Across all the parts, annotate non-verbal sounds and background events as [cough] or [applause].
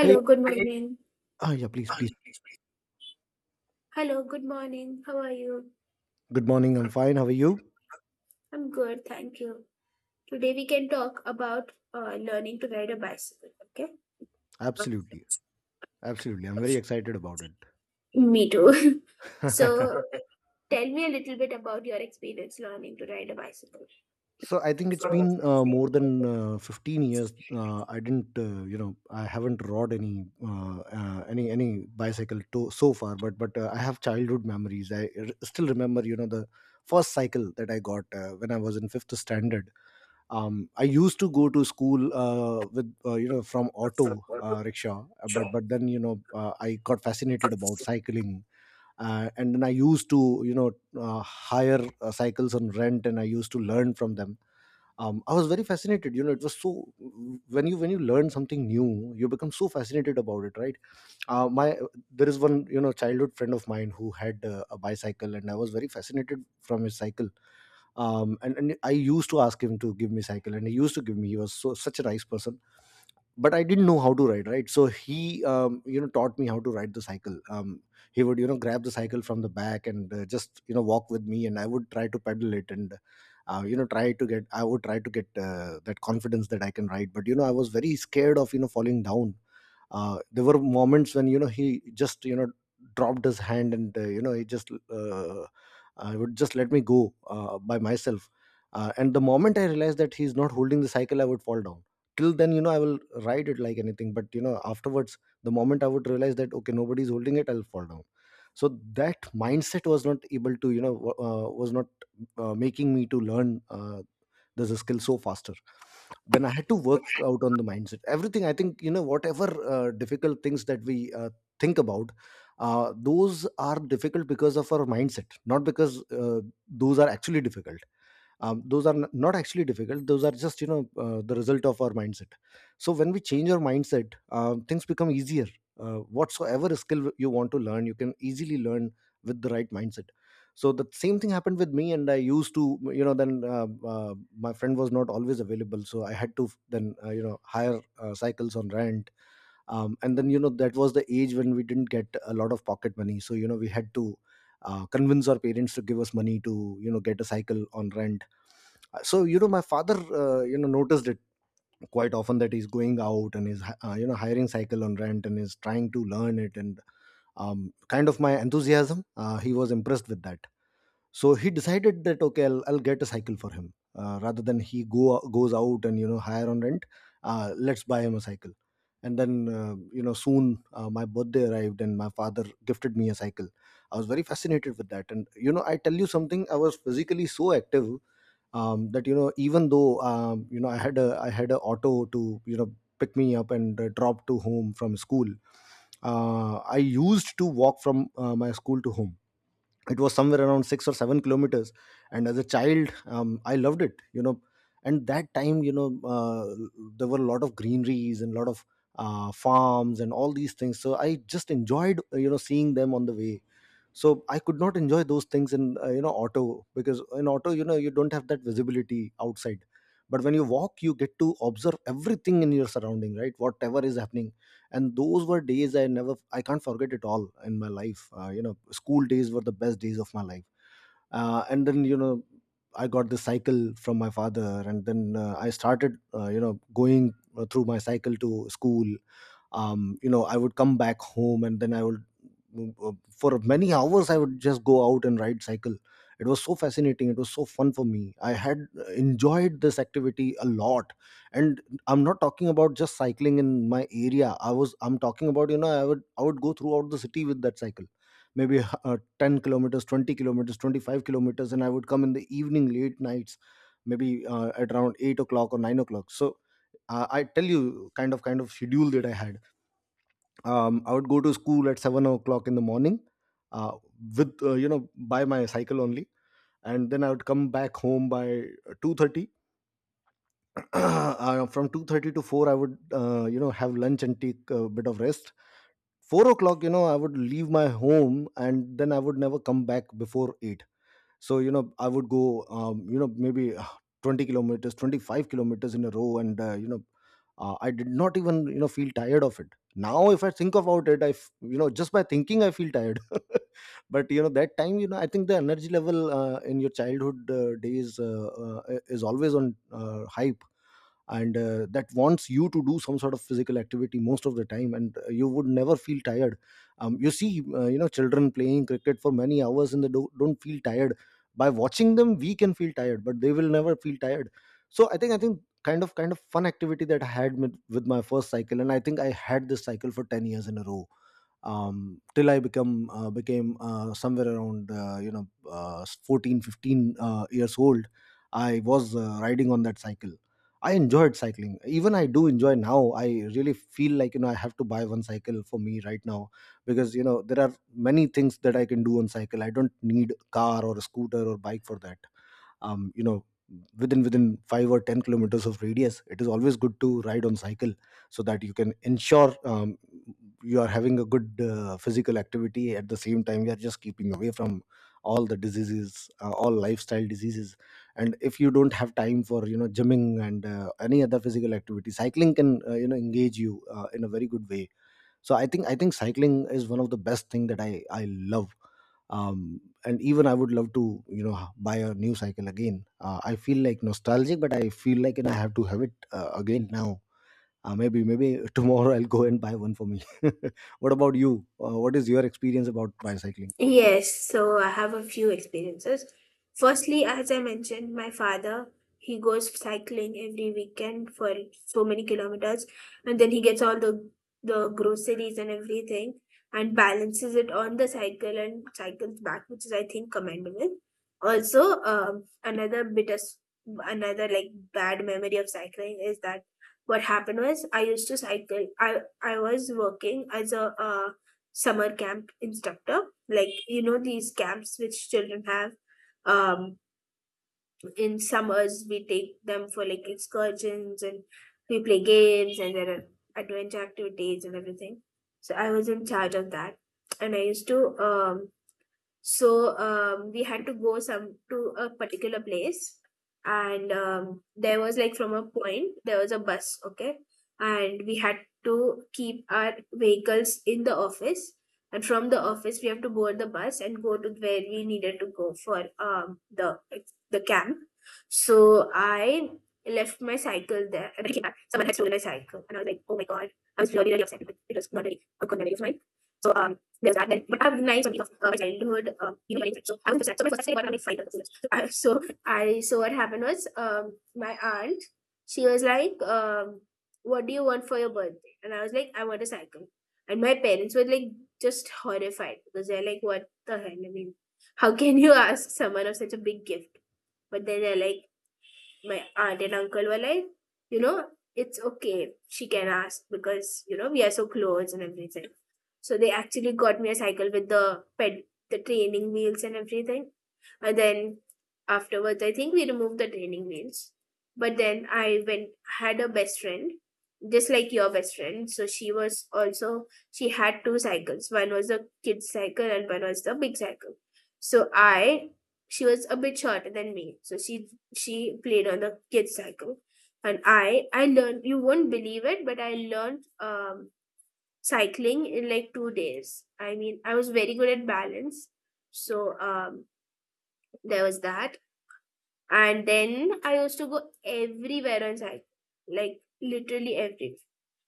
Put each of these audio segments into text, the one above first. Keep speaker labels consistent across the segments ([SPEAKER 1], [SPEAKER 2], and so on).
[SPEAKER 1] Hey,
[SPEAKER 2] good Hey. Morning.
[SPEAKER 1] yeah, please, please.
[SPEAKER 2] Hello, good morning. How are you?
[SPEAKER 1] Good morning. I'm fine. How are you?
[SPEAKER 2] I'm good, thank you. Today we can talk about learning to ride a bicycle, okay?
[SPEAKER 1] Absolutely. Absolutely. I'm very excited about
[SPEAKER 2] Me too. [laughs]
[SPEAKER 1] it.
[SPEAKER 2] So Okay. tell me a little bit about your experience learning to ride a bicycle.
[SPEAKER 1] [laughs] So I think it's been more than 15 years. I didn't, you know, I haven't rode any bicycle to, so far. But I have childhood memories. Still remember, you know, the first cycle that I got when I was in fifth standard. I used to go to school with you know from auto rickshaw, but then you know I got fascinated about cycling, and then I used to you know hire cycles on rent, and I used to learn from them. I was very fascinated. You know, it was so when you learn something new, you become so fascinated about it, right? My There is one you know childhood friend of mine who had a bicycle, and I was very fascinated from his cycle. And I used to ask him to give me cycle, and he used to give me. He was so such a nice person, but I didn't know how to ride, right? So he you know taught me how to ride the cycle. He would you know grab the cycle from the back, and just you know walk with me, and I would try to pedal it. And you know try to get I would try to get that confidence that I can ride. But you know I was very scared of you know falling down. There were moments when you know he just you know dropped his hand, and you know he just uh, would just let me go by myself. And the moment I realized that he's not holding the cycle, I would fall down. Till then you know I will ride it like anything, but you know afterwards, the moment I would realize that okay, nobody's holding it, I'll fall down. So that mindset was not able to you know was not making me to learn this skill so faster. Then I had to work out on the mindset, everything. I think you know whatever difficult things that we think about, those are difficult because of our mindset, not because those are actually difficult. Those not actually difficult. Those are just you know the result of our mindset. So when we change our mindset, things become easier. Whatsoever skill you want to learn, you can easily learn with the right mindset. So the same thing happened with me. And I used to you know then uh, my friend was not always available, so I had to then you know hire cycles on rent. And then you know that was the age when we didn't get a lot of pocket money, so you know we had to convince our parents to give us money to you know get a cycle on rent. So you know my father you know noticed it quite often that he's going out, and he's you know hiring cycle on rent and is trying to learn it, and kind of my enthusiasm, he was impressed with that. So he decided that okay, I'll get a cycle for him, rather than he go goes out and you know hire on rent. Let's buy him a cycle. And then you know soon my birthday arrived, and my father gifted me a cycle. I was very fascinated with that, and you know I tell you something, I was physically so active. That you know even though you know I had a auto to you know pick me up and drop to home from school. I used to walk from my school to home. It was somewhere around 6 or 7 kilometers. And as a child, I loved it, you know. And that time you know, uh, there were a lot of greeneries and a lot of farms and all these things. So I just enjoyed you know seeing them on the way. So I could not enjoy those things in you know auto, because in auto you know you don't have that visibility outside. But when you walk, you get to observe everything in your surrounding, right? Whatever is happening. And those were days I can't forget it all in my life. You know, school days were the best days of my life. And then you know I got the cycle from my father, and then I started you know going through my cycle to school. You know, I would come back home, and then I would for many hours I would just go out and ride cycle. It was so fascinating. It was so fun for me. I had enjoyed this activity a lot. And I'm not talking about just cycling in my area. I'm talking about you know I would go throughout the city with that cycle. Maybe 10 kilometers, 20 kilometers, 25 kilometers, and I would come in the evening, late nights, maybe at around 8 o'clock or 9 o'clock. So I tell you kind of schedule that I had. I would go to school at 7 o'clock in the morning, uh, with you know by my cycle only, and then I would come back home by 2:30. [clears throat] From 2:30 to four, I would you know have lunch and take a bit of rest. 4 o'clock, you know, I would leave my home, and then I would never come back before eight. So you know I would go you know maybe 20 kilometers, 25 kilometers in a row, and you know, I did not even you know feel tired of it. Now if I think about it, you know just by thinking I feel tired. [laughs] But you know that time you know I think the energy level in your childhood days is always on high. And that wants you to do some sort of physical activity most of the time, and you would never feel tired. You see, you know children playing cricket for many hours, and don't feel tired. By watching them, we can feel tired, but they will never feel tired. So I think kind of fun activity that I had with my first cycle. And I think I had this cycle for 10 years in a row. Till I become became somewhere around you know 14, 15 years old. I was riding on that cycle. I enjoyed cycling. Even I do enjoy now. I really feel like you know I have to buy one cycle for me right now, because you know there are many things that I can do on cycle. I don't need car or a scooter or bike for that. You know, within 5 or 10 kilometers of radius, it is always good to ride on cycle, so that you can ensure you are having a good physical activity. At the same time, you are just keeping away from all the diseases, all lifestyle diseases. And if you don't have time for you know gymming and any other physical activity, cycling can you know engage you in a very good way. So I think cycling is one of the best thing that I love. And even I would love to you know buy a new cycle again. I feel like nostalgic, but I feel like, you know, I have to have it again now. Maybe [laughs] tomorrow I'll go and buy one for me. [laughs] What about you? What is your experience about bicycling?
[SPEAKER 2] Yes, so I have a few experiences. Firstly, as I mentioned, my father, he goes cycling every weekend for so many kilometers, and then he gets all the groceries and everything and balances it on the cycle and cycles back, which is, I think, commendable. Also, another bit of another, like, bad memory of cycling is that what happened was I used to cycle. I was working as a summer camp instructor, like, you know, these camps which children have, um in summers we take them for, like, excursions and we play games and there are adventure activities and everything. So I was in charge of that, and I used to, so we had to go some to a particular place, and there was, like, from a point there was a bus, okay, and we had to keep our vehicles in the office, and from the office we have to board the bus and go to where we needed to go for the camp. So I left my cycle there, and when I came back, someone had stolen my cycle, and I was like, oh my god, I was really upset, because it was not really a good memory of mine. So, there's that. Then, but I have nice memories of my childhood, you know. So I was upset. So my first time I got fight. With the so I, what happened was, my aunt, she was like, what do you want for your birthday, and I was like, I want a cycle. And my parents were like just horrified, because they're like, what the hell, I mean, how can you ask someone of such a big gift. But then they're like, my aunt and uncle were like, you know, it's okay. She can ask because, you know, we are so close and everything. So they actually got me a cycle with the the training wheels and everything. And then afterwards, I think we removed the training wheels. But then I went had a best friend, just like your best friend. So she was also, she had two cycles. One was the kid's cycle and one was the big cycle. So I she was a bit shorter than me. So she played on the kids cycle, and I learned, you won't believe it, but I learned cycling in like 2 days. I mean, I was very good at balance. So, there was that. And then I used to go everywhere on cycle, like literally everywhere.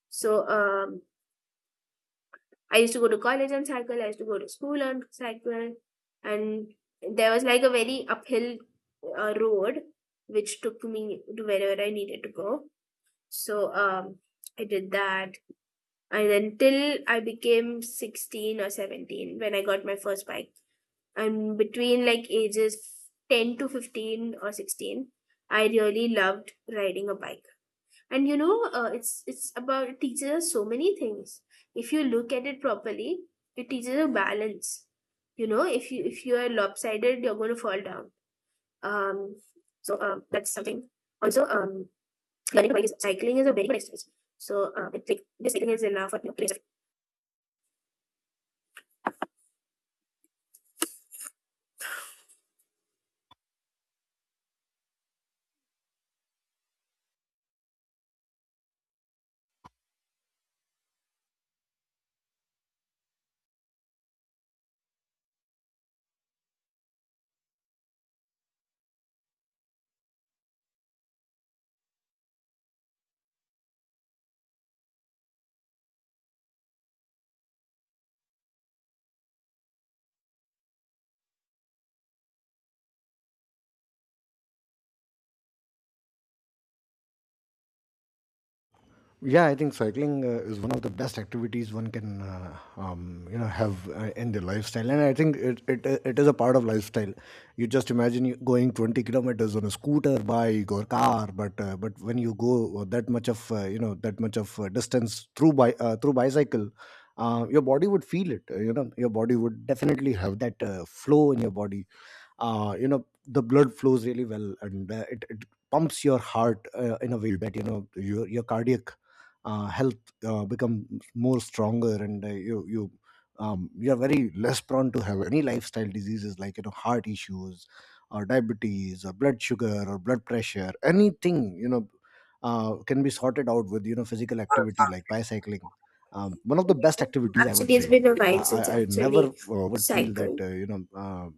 [SPEAKER 2] So, I used to go to college on cycle, I used to go to school on cycle. And there was like a very uphill road which took me to wherever I needed to go. So I did that, and then till I became 16 or 17 when I got my first bike. And between like ages 10 to 15 or 16, I really loved riding a bike. And you know, it's about, it teaches us so many things. If you look at it properly, it teaches you balance. You know, if you are lopsided, you're going to fall down. Um, that's something. Also, learning to bike is cycling is a very good exercise. So it's like this cycling is enough for, you know, to
[SPEAKER 1] Yeah, I think cycling is one of the best activities one can you know have in their lifestyle, and I think it is a part of lifestyle. You just imagine you going 20 kilometers on a scooter, bike, or car, but when you go that much of you know that much of distance through bicycle, your body would feel it. You know, your body would definitely have that flow in your body. You know the blood flows really well, and it pumps your heart in a way that you know your cardiac health become more stronger, and you you are very less prone to have any lifestyle diseases like you know heart issues or diabetes or blood sugar or blood pressure, anything you know can be sorted out with you know physical activity like bicycling. One of the best
[SPEAKER 2] yeah,
[SPEAKER 1] activities, I would
[SPEAKER 2] actually, it's
[SPEAKER 1] say.
[SPEAKER 2] been a
[SPEAKER 1] i,
[SPEAKER 2] while since I
[SPEAKER 1] I I never
[SPEAKER 2] actually
[SPEAKER 1] would feel that
[SPEAKER 2] cycled.
[SPEAKER 1] you know uh,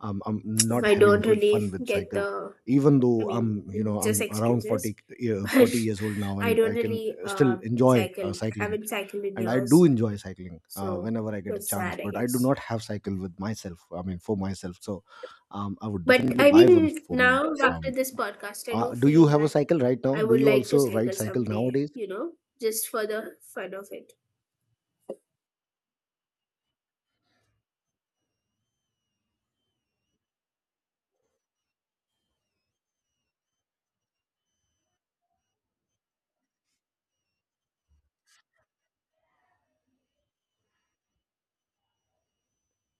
[SPEAKER 1] um, I'm not
[SPEAKER 2] I
[SPEAKER 1] having
[SPEAKER 2] don't
[SPEAKER 1] good fun
[SPEAKER 2] really
[SPEAKER 1] with
[SPEAKER 2] get
[SPEAKER 1] cycle,
[SPEAKER 2] the.
[SPEAKER 1] even
[SPEAKER 2] I
[SPEAKER 1] though
[SPEAKER 2] mean,
[SPEAKER 1] I'm you know
[SPEAKER 2] it's just
[SPEAKER 1] I'm around
[SPEAKER 2] excuses,
[SPEAKER 1] 40,
[SPEAKER 2] [laughs] but
[SPEAKER 1] 40 years old now,
[SPEAKER 2] I
[SPEAKER 1] and I
[SPEAKER 2] don't
[SPEAKER 1] can
[SPEAKER 2] really
[SPEAKER 1] still enjoy
[SPEAKER 2] cycle. I
[SPEAKER 1] cycling.
[SPEAKER 2] haven't cycled in
[SPEAKER 1] And I
[SPEAKER 2] years,
[SPEAKER 1] do enjoy cycling
[SPEAKER 2] so
[SPEAKER 1] whenever I get a
[SPEAKER 2] that's sad,
[SPEAKER 1] chance,
[SPEAKER 2] I
[SPEAKER 1] but I
[SPEAKER 2] guess.
[SPEAKER 1] do not have cycle with myself, I mean for myself. So I would
[SPEAKER 2] But
[SPEAKER 1] definitely
[SPEAKER 2] I
[SPEAKER 1] buy one
[SPEAKER 2] mean,
[SPEAKER 1] for me
[SPEAKER 2] now after
[SPEAKER 1] um,
[SPEAKER 2] this podcast, I do
[SPEAKER 1] Do you
[SPEAKER 2] feel
[SPEAKER 1] have a
[SPEAKER 2] that
[SPEAKER 1] cycle right now?
[SPEAKER 2] I
[SPEAKER 1] Do
[SPEAKER 2] would
[SPEAKER 1] you
[SPEAKER 2] like to
[SPEAKER 1] also ride
[SPEAKER 2] cycle
[SPEAKER 1] cycle
[SPEAKER 2] someday.
[SPEAKER 1] nowadays?
[SPEAKER 2] You know, just for the fun of it.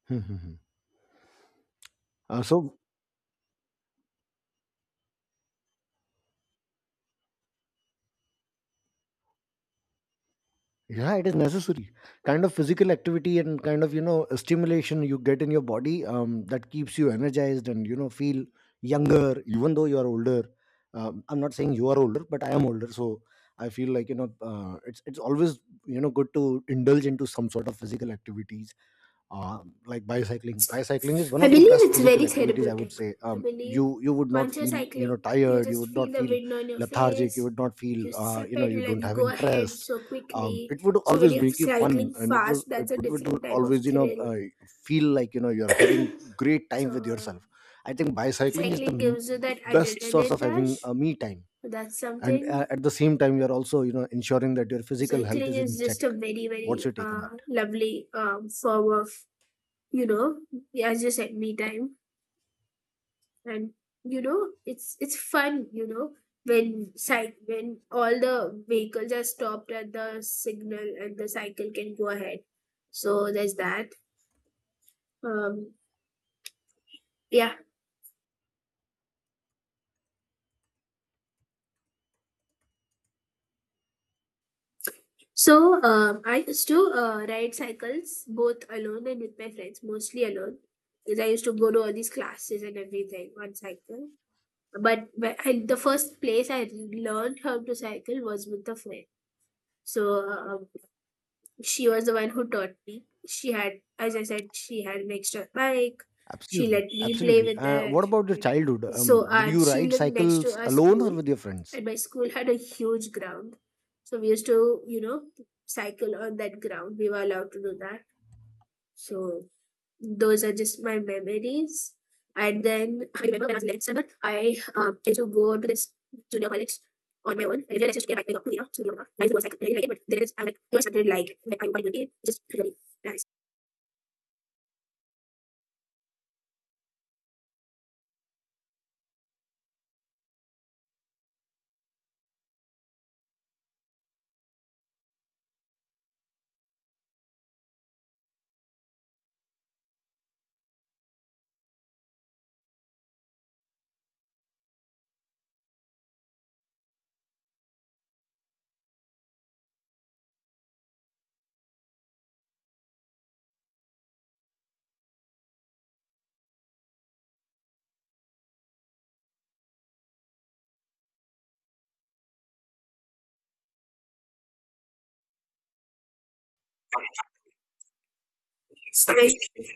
[SPEAKER 1] Hmm, hmm, hmm. uh, so Yeah, it is necessary. Kind of physical activity and kind of, you know, stimulation you get in your body, that keeps you energized and, you know, feel younger, even though you are older. I'm not saying you are older, but I am older. So I feel like, you know, it's always, you know, good to indulge into some sort of physical activities, uh, like bicycling. Bicycling is one
[SPEAKER 2] I
[SPEAKER 1] of the
[SPEAKER 2] believe
[SPEAKER 1] best
[SPEAKER 2] it's
[SPEAKER 1] physical
[SPEAKER 2] very
[SPEAKER 1] activities, I would
[SPEAKER 2] therapeutic.
[SPEAKER 1] say.
[SPEAKER 2] I believe
[SPEAKER 1] You would not
[SPEAKER 2] once you're
[SPEAKER 1] feel you know
[SPEAKER 2] cycling, you
[SPEAKER 1] tired, you
[SPEAKER 2] just
[SPEAKER 1] would
[SPEAKER 2] feel
[SPEAKER 1] not
[SPEAKER 2] the
[SPEAKER 1] feel
[SPEAKER 2] wind on your
[SPEAKER 1] lethargic, you
[SPEAKER 2] face,
[SPEAKER 1] would not feel,
[SPEAKER 2] you step
[SPEAKER 1] you know, you
[SPEAKER 2] pedal and
[SPEAKER 1] don't
[SPEAKER 2] you
[SPEAKER 1] have
[SPEAKER 2] go ahead
[SPEAKER 1] interest.
[SPEAKER 2] so quickly.
[SPEAKER 1] It would
[SPEAKER 2] So when
[SPEAKER 1] always
[SPEAKER 2] you're
[SPEAKER 1] make you fun,
[SPEAKER 2] cycling
[SPEAKER 1] and
[SPEAKER 2] fast,
[SPEAKER 1] it
[SPEAKER 2] that's a
[SPEAKER 1] would
[SPEAKER 2] different type of
[SPEAKER 1] always you know
[SPEAKER 2] thrill.
[SPEAKER 1] feel like you know you're having great
[SPEAKER 2] [clears throat]
[SPEAKER 1] time with
[SPEAKER 2] So
[SPEAKER 1] yourself. I think bicycling is the
[SPEAKER 2] cycling gives you that
[SPEAKER 1] best source of
[SPEAKER 2] adrenaline
[SPEAKER 1] having
[SPEAKER 2] rush.
[SPEAKER 1] a me time,
[SPEAKER 2] That's
[SPEAKER 1] and
[SPEAKER 2] something.
[SPEAKER 1] at the same time, you're also you know ensuring that your physical health
[SPEAKER 2] Cycling
[SPEAKER 1] is in
[SPEAKER 2] is
[SPEAKER 1] check.
[SPEAKER 2] just a very,
[SPEAKER 1] What's
[SPEAKER 2] very
[SPEAKER 1] your take on that?
[SPEAKER 2] lovely form of, you know, as you said, me time. And you know, it's fun, you know, when side, when all the vehicles are stopped at the signal and the cycle can go ahead, so there's that. um yeah I used to ride cycles both alone and with my friends, mostly alone, because I used to go to all these classes and everything on cycle. But the first place I learned how to cycle was with a friend. So she was the one who taught me. She had, as I said, she had an extra bike. She
[SPEAKER 1] Absolutely,
[SPEAKER 2] let me play
[SPEAKER 1] absolutely.
[SPEAKER 2] with
[SPEAKER 1] What
[SPEAKER 2] it.
[SPEAKER 1] about your childhood?
[SPEAKER 2] So,
[SPEAKER 1] Did
[SPEAKER 2] and
[SPEAKER 1] you
[SPEAKER 2] she
[SPEAKER 1] ride
[SPEAKER 2] lived next to
[SPEAKER 1] cycles
[SPEAKER 2] our
[SPEAKER 1] alone
[SPEAKER 2] school,
[SPEAKER 1] or with your friends?
[SPEAKER 2] and my school had a huge ground. So, we used to, you know, cycle on that ground. We were allowed to do that. So, those are just my memories. And then I remember when I was 11th standard, I had to go to this junior college on my own. I realized I should get back to, you know, junior college. Life was like really like it, but there is, I'm like, it was something like I want to be just really nice. It's nice.